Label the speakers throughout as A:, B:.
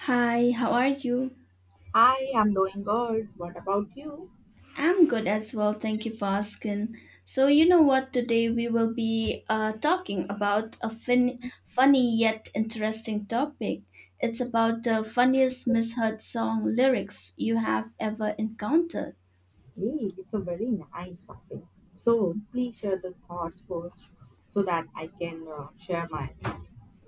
A: Hi, how are you?
B: I am doing good. What about you?
A: I'm good as well, thank you for asking. So, you know what? Today we will be talking about a funny yet interesting topic. It's about the funniest misheard song lyrics you have ever encountered.
B: Hey, it's a very nice topic. So please share the thoughts first so that I can share mine.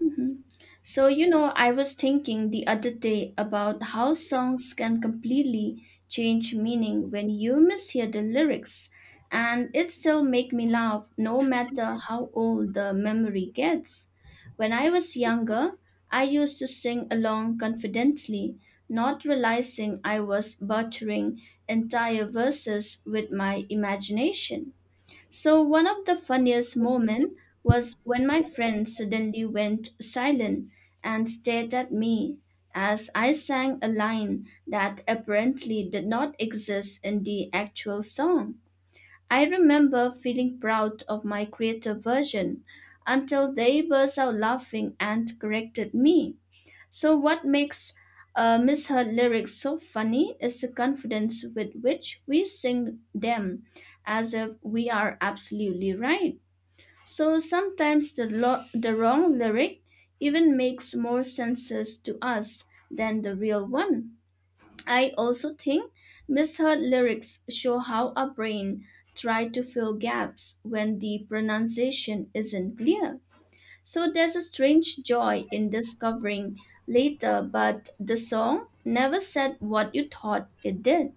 A: Mhm. So, you know, I was thinking the other day about how songs can completely change meaning when you mishear the lyrics, and it still make me laugh no matter how old the memory gets. When I was younger, I used to sing along confidently, not realizing I was butchering entire verses with my imagination. So one of the funniest moments was when my friend suddenly went silent and stared at me as I sang a line that apparently did not exist in the actual song. I remember feeling proud of my creative version until they burst out laughing and corrected me. So, what makes Miss Her lyrics so funny is the confidence with which we sing them, as if we are absolutely right. So sometimes the the wrong lyric even makes more senses to us than the real one. I also think misheard lyrics show how our brain try to fill gaps when the pronunciation isn't clear. So there's a strange joy in discovering later, but the song never said what you thought it did.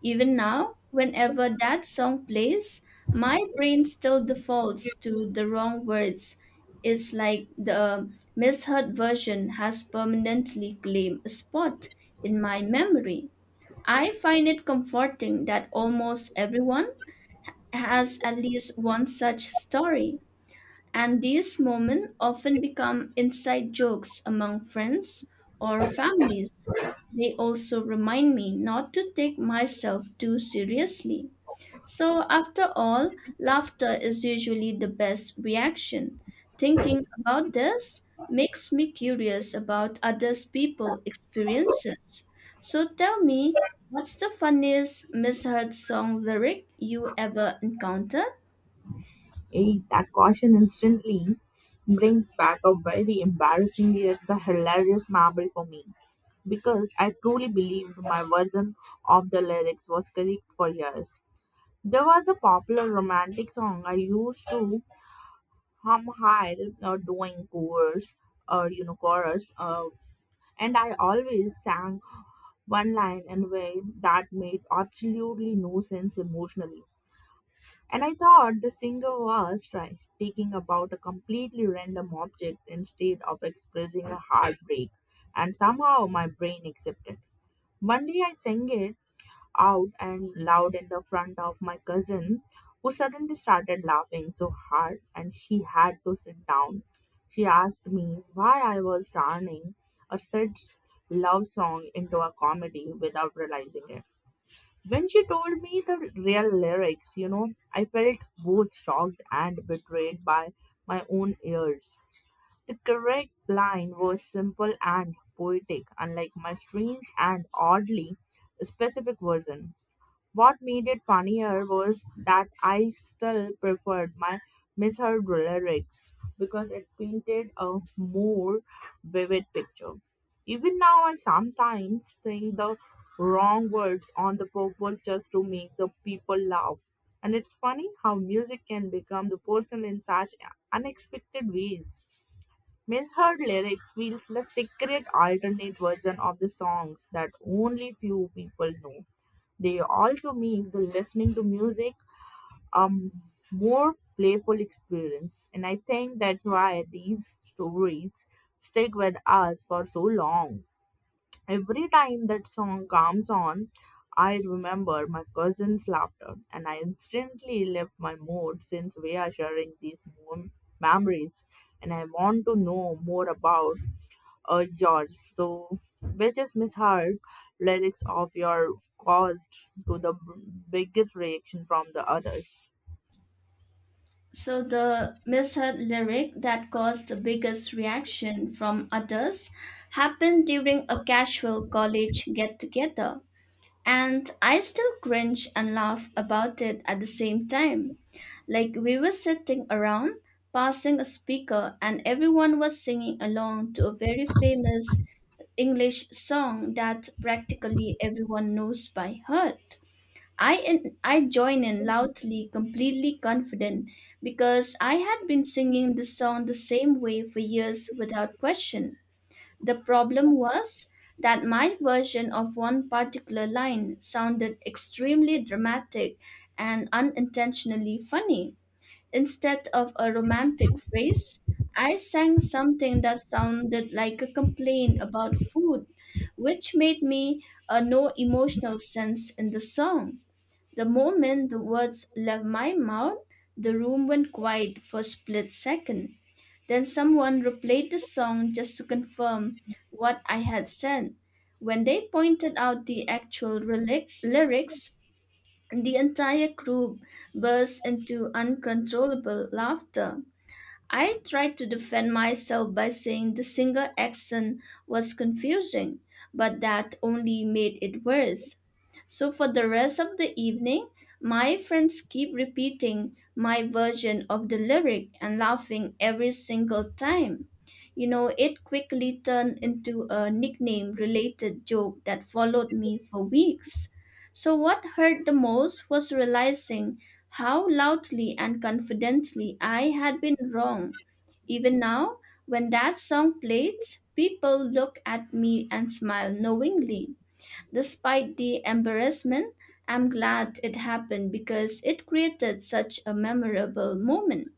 A: Even now, whenever that song plays, my brain still defaults to the wrong words. It's like the misheard version has permanently claimed a spot in my memory. I find it comforting that almost everyone has at least one such story and these moments often become inside jokes among friends or families. They also remind me not to take myself too seriously. So, after all, laughter is usually the best reaction. Thinking about this makes me curious about others' people experiences. So, tell me, what's the funniest misheard song lyric you ever encountered?
B: Hey, that question instantly brings back a very embarrassing yet the hilarious memory for me because I truly believed my version of the lyrics was correct for years. There was a popular romantic song I used to hum high, doing chorus or chorus. And I always sang one line in a way that made absolutely no sense emotionally. And I thought the singer was taking about a completely random object instead of expressing a heartbreak. And somehow my brain accepted. One day I sang it out and loud in the front of my cousin, who suddenly started laughing so hard and she had to sit down. She asked me why I was turning a sad love song into a comedy without realizing it. When she told me the real lyrics, I felt both shocked and betrayed by my own ears. The correct line was simple and poetic, unlike my strange and oddly specific version. What made it funnier was that I still preferred my misheard lyrics because it painted a more vivid picture. Even now, I sometimes think the wrong words on the purpose just to make the people laugh. And it's funny how music can become the person in such unexpected ways. Misheard lyrics feels the secret alternate version of the songs that only few people know. They also make the listening to music a more playful experience. And I think that's why these stories stick with us for so long. Every time that song comes on, I remember my cousin's laughter and I instantly lift my mood since we are sharing these mom- memories, and I want to know more about yours. So, which is misheard lyrics of your caused to the biggest reaction from the others.
A: So the misheard lyric that caused the biggest reaction from others happened during a casual college get together. And I still cringe and laugh about it at the same time. Like we were sitting around, passing a speaker, and everyone was singing along to a very famous English song that practically everyone knows by heart. I join in loudly, completely confident, because I had been singing the song the same way for years without question. The problem was that my version of one particular line sounded extremely dramatic and unintentionally funny. Instead of a romantic phrase, I sang something that sounded like a complaint about food, which made me no emotional sense in the song. The moment the words left my mouth, the room went quiet for a split second. Then someone replayed the song just to confirm what I had said. When they pointed out the actual lyrics, the entire group burst into uncontrollable laughter. I tried to defend myself by saying the singer accent was confusing, but that only made it worse. So for the rest of the evening, my friends keep repeating my version of the lyric and laughing every single time. You know, it quickly turned into a nickname related joke that followed me for weeks. So, what hurt the most was realizing how loudly and confidently I had been wrong. Even now, when that song plays, people look at me and smile knowingly. Despite the embarrassment, I'm glad it happened because it created such a memorable moment.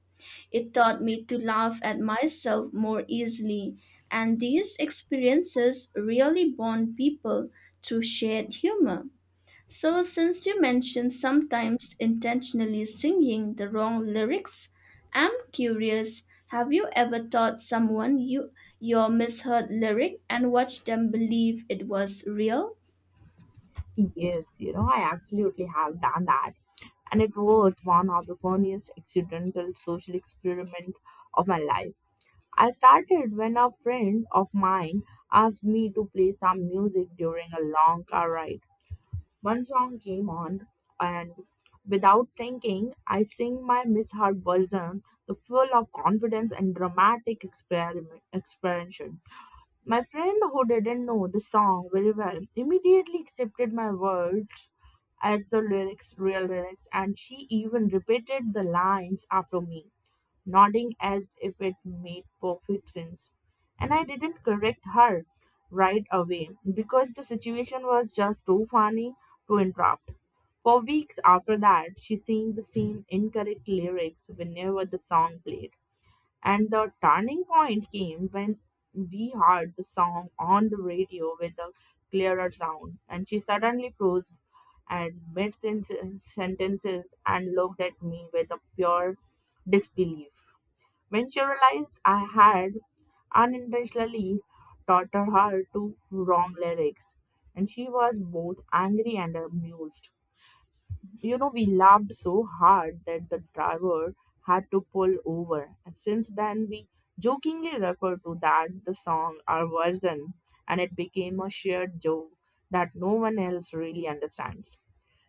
A: It taught me to laugh at myself more easily, and these experiences really bond people through shared humor. So, since you mentioned sometimes intentionally singing the wrong lyrics, I'm curious have you ever taught someone your misheard lyric and watched them believe it was real?
B: Yes, I absolutely have done that. And it was one of the funniest accidental social experiment of my life. I started when a friend of mine asked me to play some music during a long car ride. One song came on, and without thinking, I sing my Miss Heart version, the full of confidence and dramatic experiment, expansion. My friend who didn't know the song very well immediately accepted my words as the lyrics, real lyrics, and she even repeated the lines after me nodding as if it made perfect sense. And I didn't correct her right away because the situation was just too funny to interrupt. For weeks after that, she sang the same incorrect lyrics whenever the song played. And the turning point came when we heard the song on the radio with a clearer sound, and she suddenly froze and mid sentences and looked at me with a pure disbelief. When she realized I had unintentionally taught her to wrong lyrics, and she was both angry and amused. We laughed so hard that the driver had to pull over, and since then we jokingly refer to that the song our version, and it became a shared joke that no one else really understands.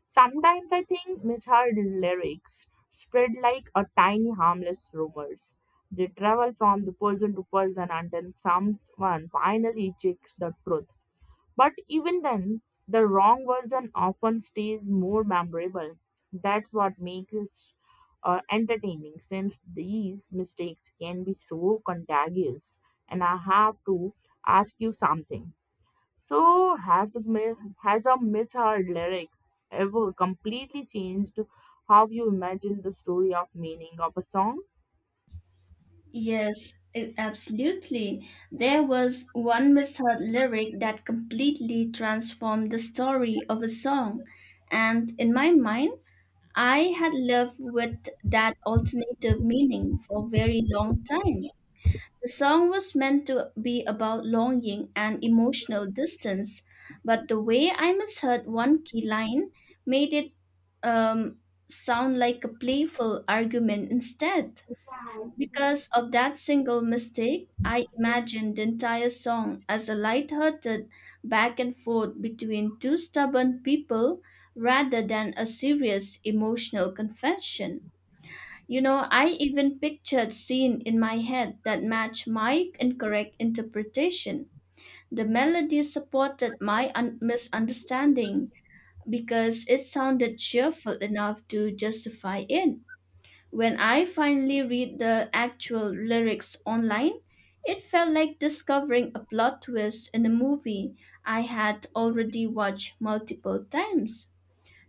B: Sometimes I think misheard lyrics spread like a tiny harmless rumors. They travel from the person to person until someone finally checks the truth. But even then, the wrong version often stays more memorable. That's what makes it entertaining since these mistakes can be so contagious. And I have to ask you something. So has a myth or lyrics ever completely changed how you imagine the story of meaning of a song?
A: Yes, absolutely. There was one misheard lyric that completely transformed the story of a song. And in my mind, I had lived with that alternative meaning for a very long time. The song was meant to be about longing and emotional distance, but the way I misheard one key line made it um, sound like a playful argument instead. Because of that single mistake, I imagined the entire song as a light-hearted back and forth between two stubborn people rather than a serious emotional confession. You know, I even pictured scenes in my head that matched my incorrect interpretation. The melody supported my misunderstanding because it sounded cheerful enough to justify it. When I finally read the actual lyrics online, it felt like discovering a plot twist in a movie I had already watched multiple times.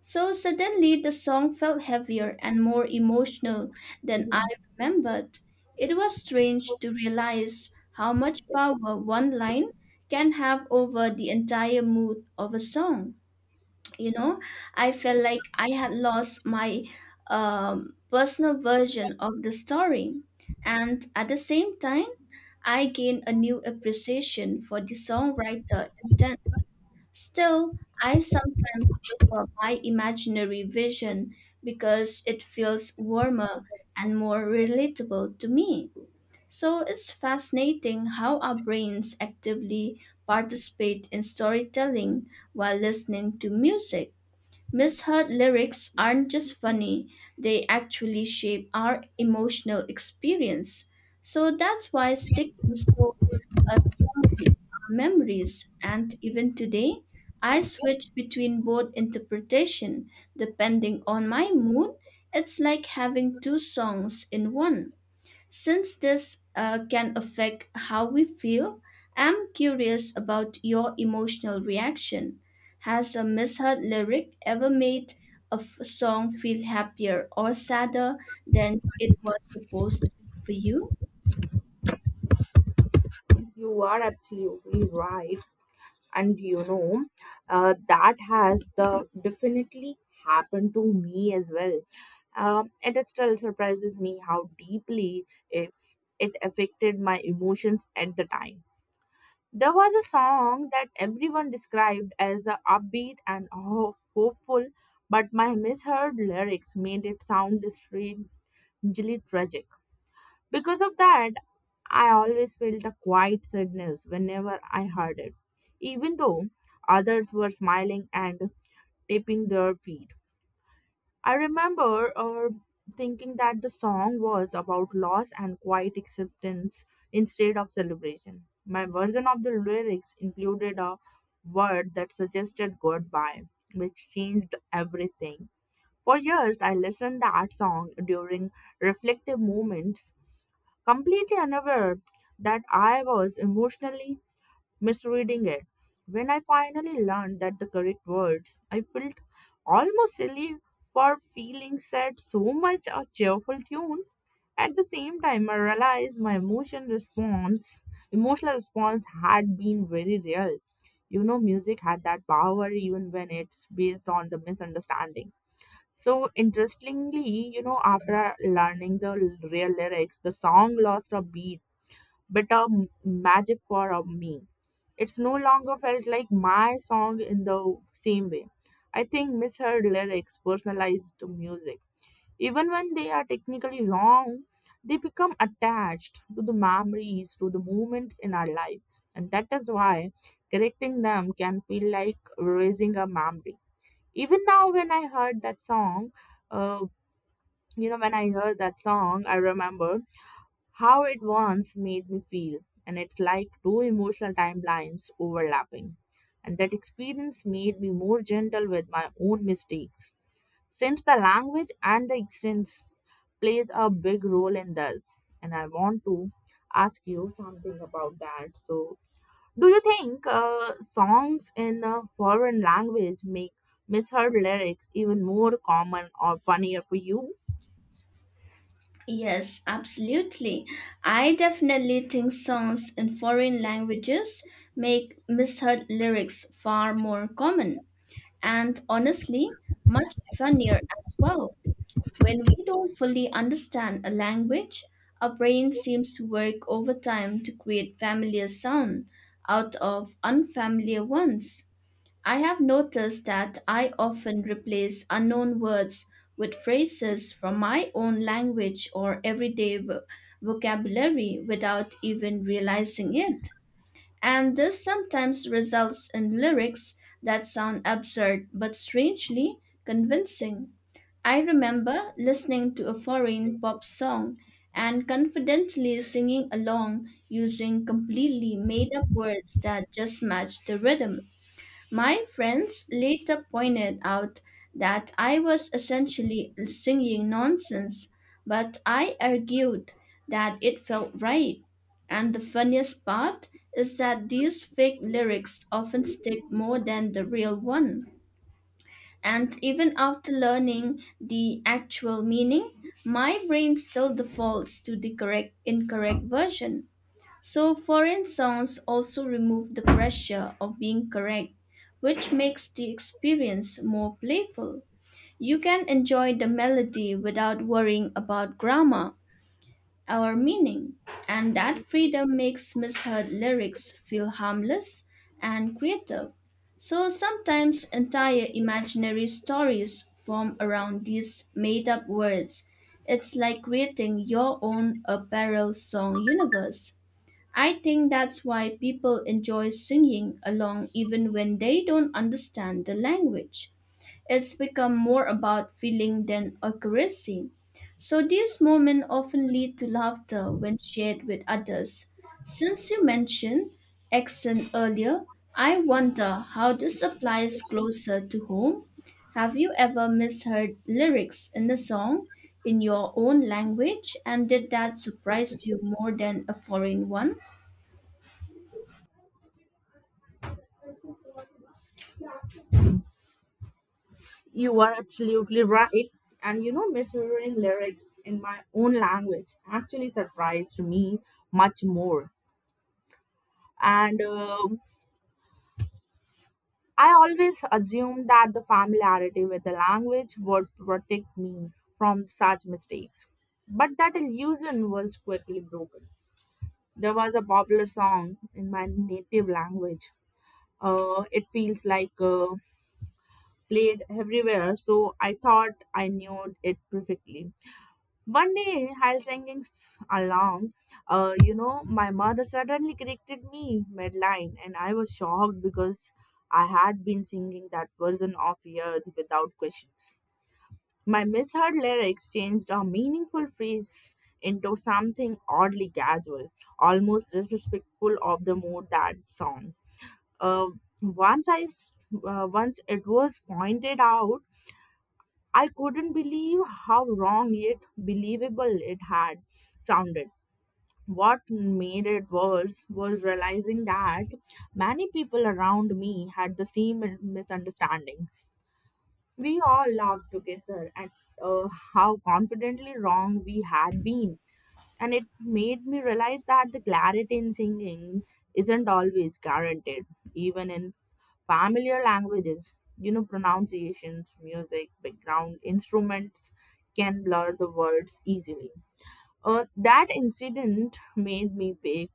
A: So suddenly the song felt heavier and more emotional than I remembered. It was strange to realize how much power one line can have over the entire mood of a song. You know, I felt like I had lost my personal version of the story. And at the same time, I gained a new appreciation for the songwriter intent. Still, I sometimes prefer my imaginary vision because it feels warmer and more relatable to me. So it's fascinating how our brains actively participate in storytelling while listening to music. Misheard lyrics aren't just funny, they actually shape our emotional experience. So that's why sticking so a story, our memories, and even today, I switch between both interpretation depending on my mood. It's like having two songs in one. Since this can affect how we feel, I'm curious about your emotional reaction. Has a misheard lyric ever made a song feel happier or sadder than it was supposed to be for you?
B: You are absolutely right. And that has the definitely happened to me as well. It still surprises me how deeply if it affected my emotions at the time. There was a song that everyone described as a upbeat and hopeful, but my misheard lyrics made it sound strangely tragic. Because of that, I always felt a quiet sadness whenever I heard it, even though others were smiling and tapping their feet. I remember thinking that the song was about loss and quiet acceptance instead of celebration. My version of the lyrics included a word that suggested goodbye, which changed everything. For years, I listened that song during reflective moments, completely unaware that I was emotionally misreading it. When I finally learned that the correct words, I felt almost silly for feeling sad so much a cheerful tune. At the same time, I realized emotional response had been very real. Music had that power even when it's based on the misunderstanding. So interestingly, after learning the real lyrics, the song lost a beat, but a magic for me. It's no longer felt like my song in the same way. I think misheard lyrics, personalized to music, even when they are technically wrong, they become attached to the memories, to the moments in our lives. And that is why correcting them can feel like raising a memory. Even now, when I heard that song, uh, I remember how it once made me feel, and it's like two emotional timelines overlapping. And that experience made me more gentle with my own mistakes. Since the language and the accent plays a big role in this, and I want to ask you something about that. So, do you think songs in a foreign language make misheard lyrics even more common or funnier for you?
A: Yes, absolutely. I definitely think songs in foreign languages make misheard lyrics far more common and honestly much funnier as well. When we don't fully understand a language, our brain seems to work overtime to create familiar sound out of unfamiliar ones. I have noticed that I often replace unknown words with phrases from my own language or everyday vocabulary without even realizing it. And this sometimes results in lyrics that sound absurd but strangely convincing. I remember listening to a foreign pop song and confidently singing along using completely made up words that just matched the rhythm my friends later pointed out that I was essentially singing nonsense, but I argued that it felt right. And the funniest part is that these fake lyrics often stick more than the real one. And even after learning the actual meaning, my brain still defaults to the correct incorrect version. So, foreign songs also remove the pressure of being correct, which makes the experience more playful. You can enjoy the melody without worrying about grammar or meaning, and that freedom makes misheard lyrics feel harmless and creative. So, sometimes entire imaginary stories form around these made up words. It's like creating your own apparel song universe. I think that's why people enjoy singing along even when they don't understand the language. It's become more about feeling than accuracy. So these moments often lead to laughter when shared with others. Since you mentioned accent earlier, I wonder how this applies closer to home. Have you ever misheard lyrics in a song in your own language and did that surprise you more than a foreign one?
B: You are absolutely right. And mishearing lyrics in my own language actually surprised me much more. And I always assumed that the familiarity with the language would protect me from such mistakes. But that illusion was quickly broken. There was a popular song in my native language. It feels like played everywhere, so I thought I knew it perfectly. One day, while singing along, my mother suddenly corrected me midline, and I was shocked because I had been singing that version of years without questions. My misheard lyrics changed a meaningful phrase into something oddly casual, almost disrespectful of the mood that song. Uh, once once it was pointed out, I couldn't believe how wrong yet believable it had sounded. What made it worse was realizing that many people around me had the same misunderstandings. We all laughed together at uh, how confidently wrong we had been, and it made me realize that the clarity in singing isn't always guaranteed even in familiar languages. Pronunciations, music, background instruments can blur the words easily. That incident made me pay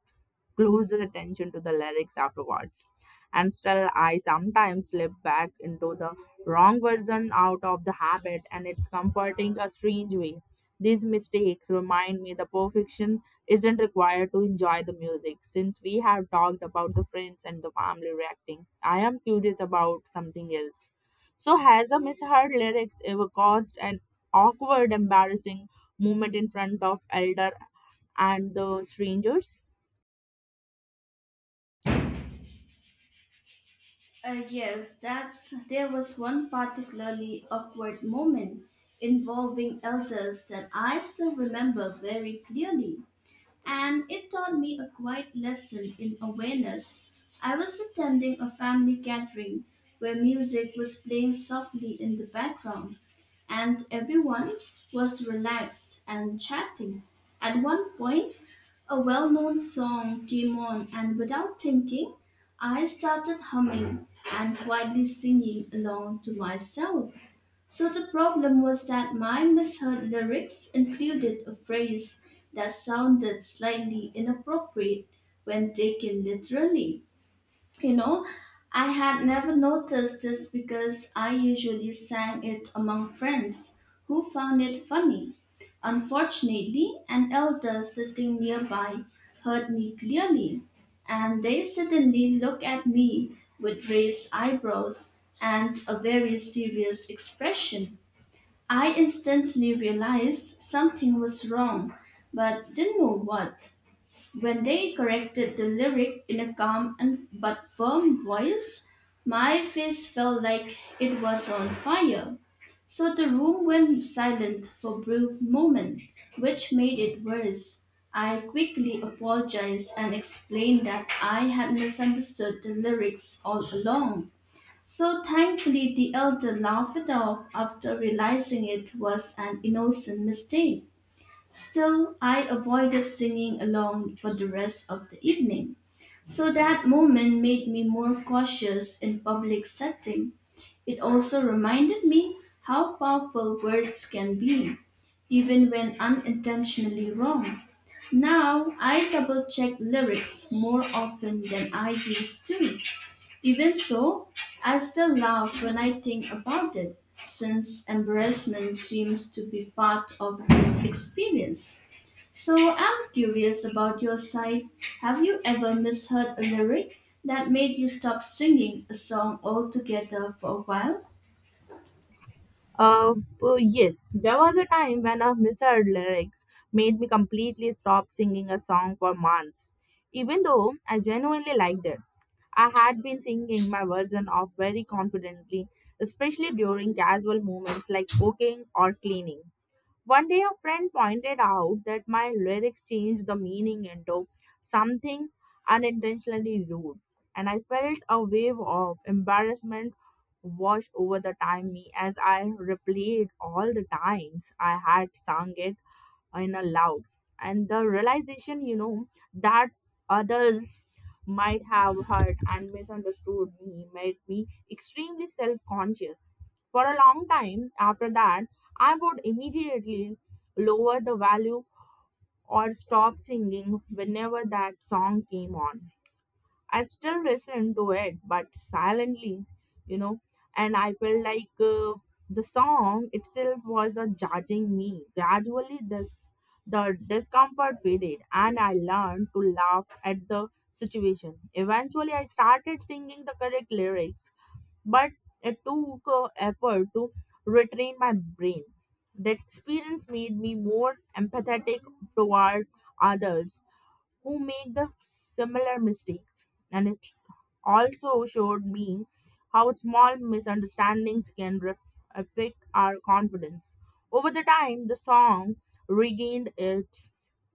B: closer attention to the lyrics afterwards. And still, I sometimes slip back into the wrong version out of the habit, and it's comforting a strange way. These mistakes remind me the perfection isn't required to enjoy the music. Since we have talked about the friends and the family reacting, I am curious about something else. So, has a misheard lyrics ever caused an awkward, embarrassing moment in front of elder and the strangers?
A: Yes, that's there was one particularly awkward moment involving elders that I still remember very clearly, and it taught me a quiet lesson in awareness. I was attending a family gathering where music was playing softly in the background, and everyone was relaxed and chatting. At one point, a well known song came on, and without thinking, I started humming and quietly singing along to myself. So the problem was that my misheard lyrics included a phrase that sounded slightly inappropriate when taken literally. You know, I had never noticed this because I usually sang it among friends who found it funny. Unfortunately, an elder sitting nearby heard me clearly, and they suddenly looked at me with raised eyebrows and a very serious expression. I instantly realized something was wrong, but didn't know what. When they corrected the lyric in a calm and but firm voice, my face felt like it was on fire. So the room went silent for a brief moment, which made it worse. I quickly apologized and explained that I had misunderstood the lyrics all along. So thankfully, the elder laughed it off after realizing it was an innocent mistake. Still, I avoided singing along for the rest of the evening. So that moment made me more cautious in public setting. It also reminded me how powerful words can be, even when unintentionally wrong. Now I double check lyrics more often than I used to. Even so, I still laugh when I think about it, since embarrassment seems to be part of this experience. So I'm curious about your side. Have you ever misheard a lyric that made you stop singing a song altogether for a while?
B: Uh, yes, there was a time when a misheard lyrics made me completely stop singing a song for months, even though I genuinely liked it. I had been singing my version off very confidently, especially during casual moments like cooking or cleaning. One day, a friend pointed out that my lyrics changed the meaning into something unintentionally rude, and I felt a wave of embarrassment wash over the time me as I replayed all the times I had sung it in a loud. And the realization that others might have heard and misunderstood me made me extremely self-conscious. For a long time after that, I would immediately lower the value or stop singing whenever that song came on. I still listen to it, but silently, you know. And I felt like the song itself was judging me. Gradually, this the discomfort faded, and I learned to laugh at the situation. Eventually, I started singing the correct lyrics, but it took effort to retrain my brain. That experience made me more empathetic toward others who make the similar mistakes. And it also showed me how small misunderstandings can affect our confidence. Over the time, the song regained its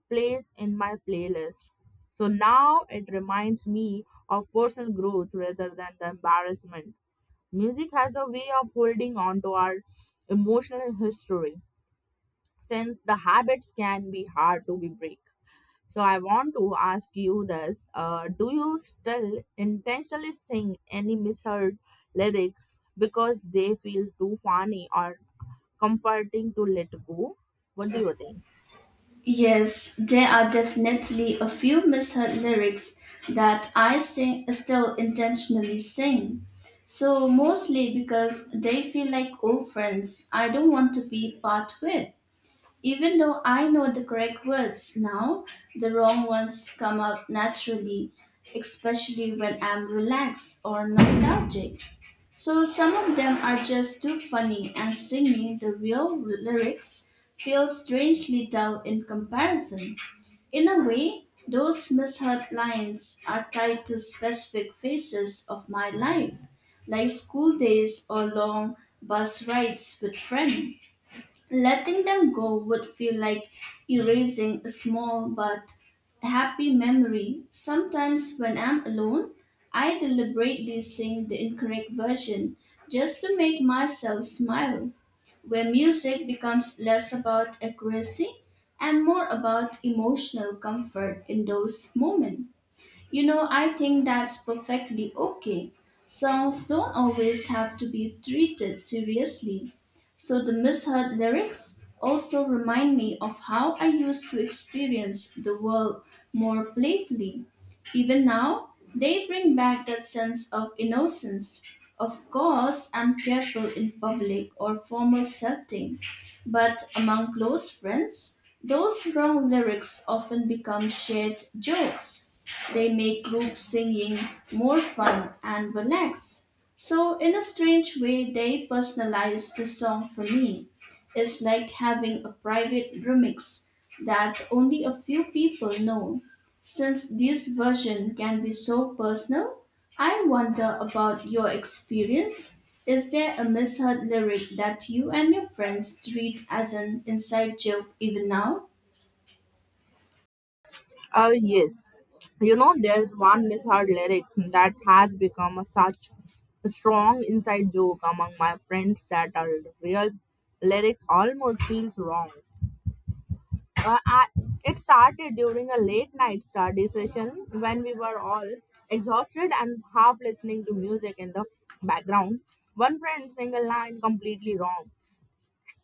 B: place in my playlist. So now it reminds me of personal growth rather than the embarrassment. Music has a way of holding on to our emotional history since the habits can be hard to be break. So I want to ask you this: do you still intentionally sing any misheard lyrics because they feel too funny or comforting to let go? What do you think?
A: Yes, there are definitely a few misheard lyrics that I sing still intentionally sing. So mostly because they feel like old friends I don't want to be part with. Even though I know the correct words now, the wrong ones come up naturally, especially when I'm relaxed or nostalgic. So some of them are just too funny, and singing the real lyrics feels strangely dull in comparison. In a way, those misheard lines are tied to specific phases of my life, like school days or long bus rides with friends. Letting them go would feel like erasing a small but happy memory. Sometimes, when I'm alone, I deliberately sing the incorrect version just to make myself smile, where music becomes less about accuracy and more about emotional comfort in those moments. You know, I think that's perfectly okay. Songs don't always have to be treated seriously. So the misheard lyrics also remind me of how I used to experience the world more playfully. Even now, they bring back that sense of innocence. Of course, I'm careful in public or formal setting, but among close friends, those wrong lyrics often become shared jokes. They make group singing more fun and relaxed. So, in a strange way, they personalized the song for me. It's like having a private remix that only a few people know. Since this version can be so personal, I wonder about your experience. Is there a misheard lyric that you and your friends treat as an inside joke even now?
B: Yes. There's one misheard lyrics that has become a such a strong inside joke among my friends that our real lyrics almost feels wrong. uh, I, it started during a late night study session when we were all exhausted and half listening to music in the background. One friend sang a line completely wrong,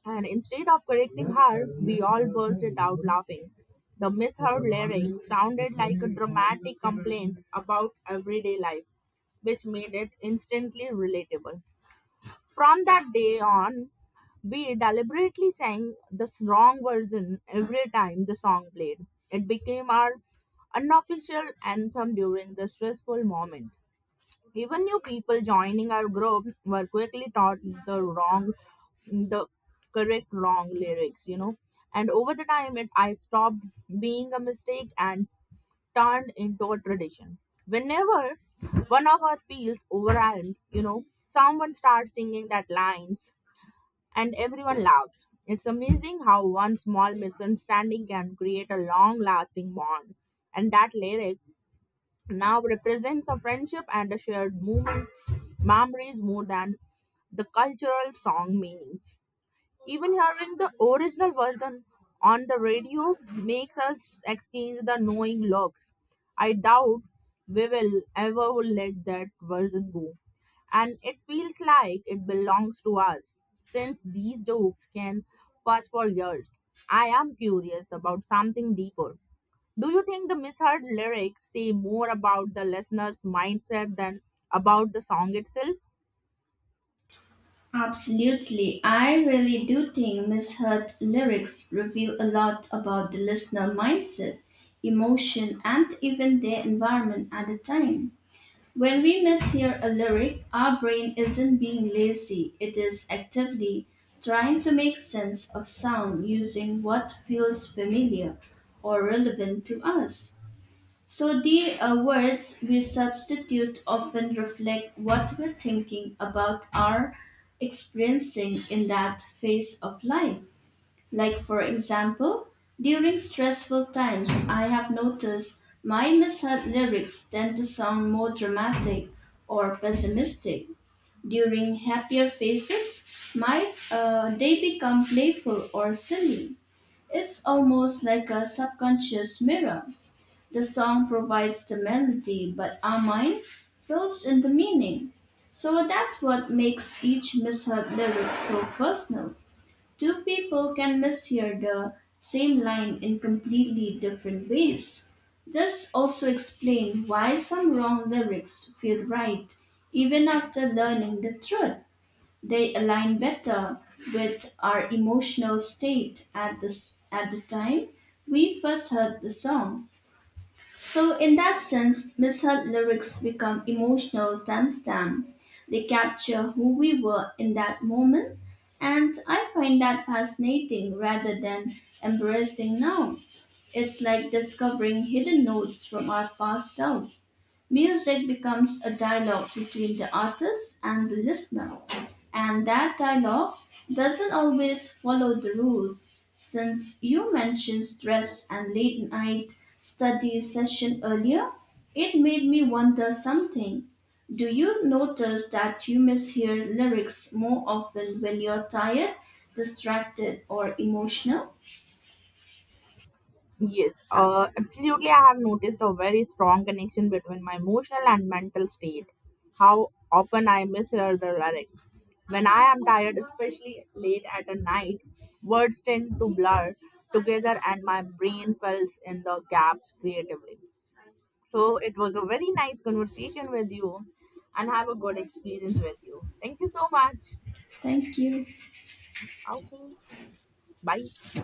B: and instead of correcting her, we all bursted out laughing. The misheard lyric sounded like a dramatic complaint about everyday life, which made it instantly relatable. From that day on, we deliberately sang the wrong version every time the song played. It became our unofficial anthem during the stressful moment. Even new people joining our group were quickly taught the wrong, the correct wrong lyrics. And over the time, it I stopped being a mistake and turned into a tradition. Whenever one of us feels overwhelmed, someone starts singing that lines and everyone laughs. It's amazing how one small misunderstanding can create a long lasting bond. And that lyric now represents a friendship and a shared moments, memories more than the cultural song meanings. Even hearing the original version on the radio makes us exchange the knowing looks. I doubt we will ever let that version go. And it feels like it belongs to us since these jokes can pass for years. I am curious about something deeper. Do you think the misheard lyrics say more about the listener's mindset than about the song itself?
A: Absolutely. I really do think misheard lyrics reveal a lot about the listener mindset, emotion, and even their environment at the time. When we mishear a lyric, our brain isn't being lazy, it is actively trying to make sense of sound using what feels familiar or relevant to us. So the words we substitute often reflect what we're thinking about or experiencing in that phase of life. Like for example, during stressful times, I have noticed my misheard lyrics tend to sound more dramatic or pessimistic. During happier phases, my they become playful or silly. It's almost like a subconscious mirror. The song provides the melody, but Amine fills in the meaning. So that's what makes each mishap lyric so personal. Two people can mishear the same line in completely different ways. This also explains why some wrong lyrics feel right even after learning the truth. They align better with our emotional state at at the time we first heard the song. So, in that sense, Miss Hunt lyrics become emotional timestamp. They capture who we were in that moment, and I find that fascinating rather than embarrassing now. It's like discovering hidden notes from our past self. Music becomes a dialogue between the artist and the listener, and that dialogue doesn't always follow the rules. Since you mentioned stress and late night study session earlier, it made me wonder something. Do you notice that you mishear lyrics more often when you're tired, distracted, or emotional?
B: Yes, absolutely. I have noticed a very strong connection between my emotional and mental state. How often I mishear the lyrics. When I am tired, especially late at a night, words tend to blur together and my brain fills in the gaps creatively. So it was a very nice conversation with you and have a good experience with you. Thank you so much.
A: Thank you.
B: Okay, bye.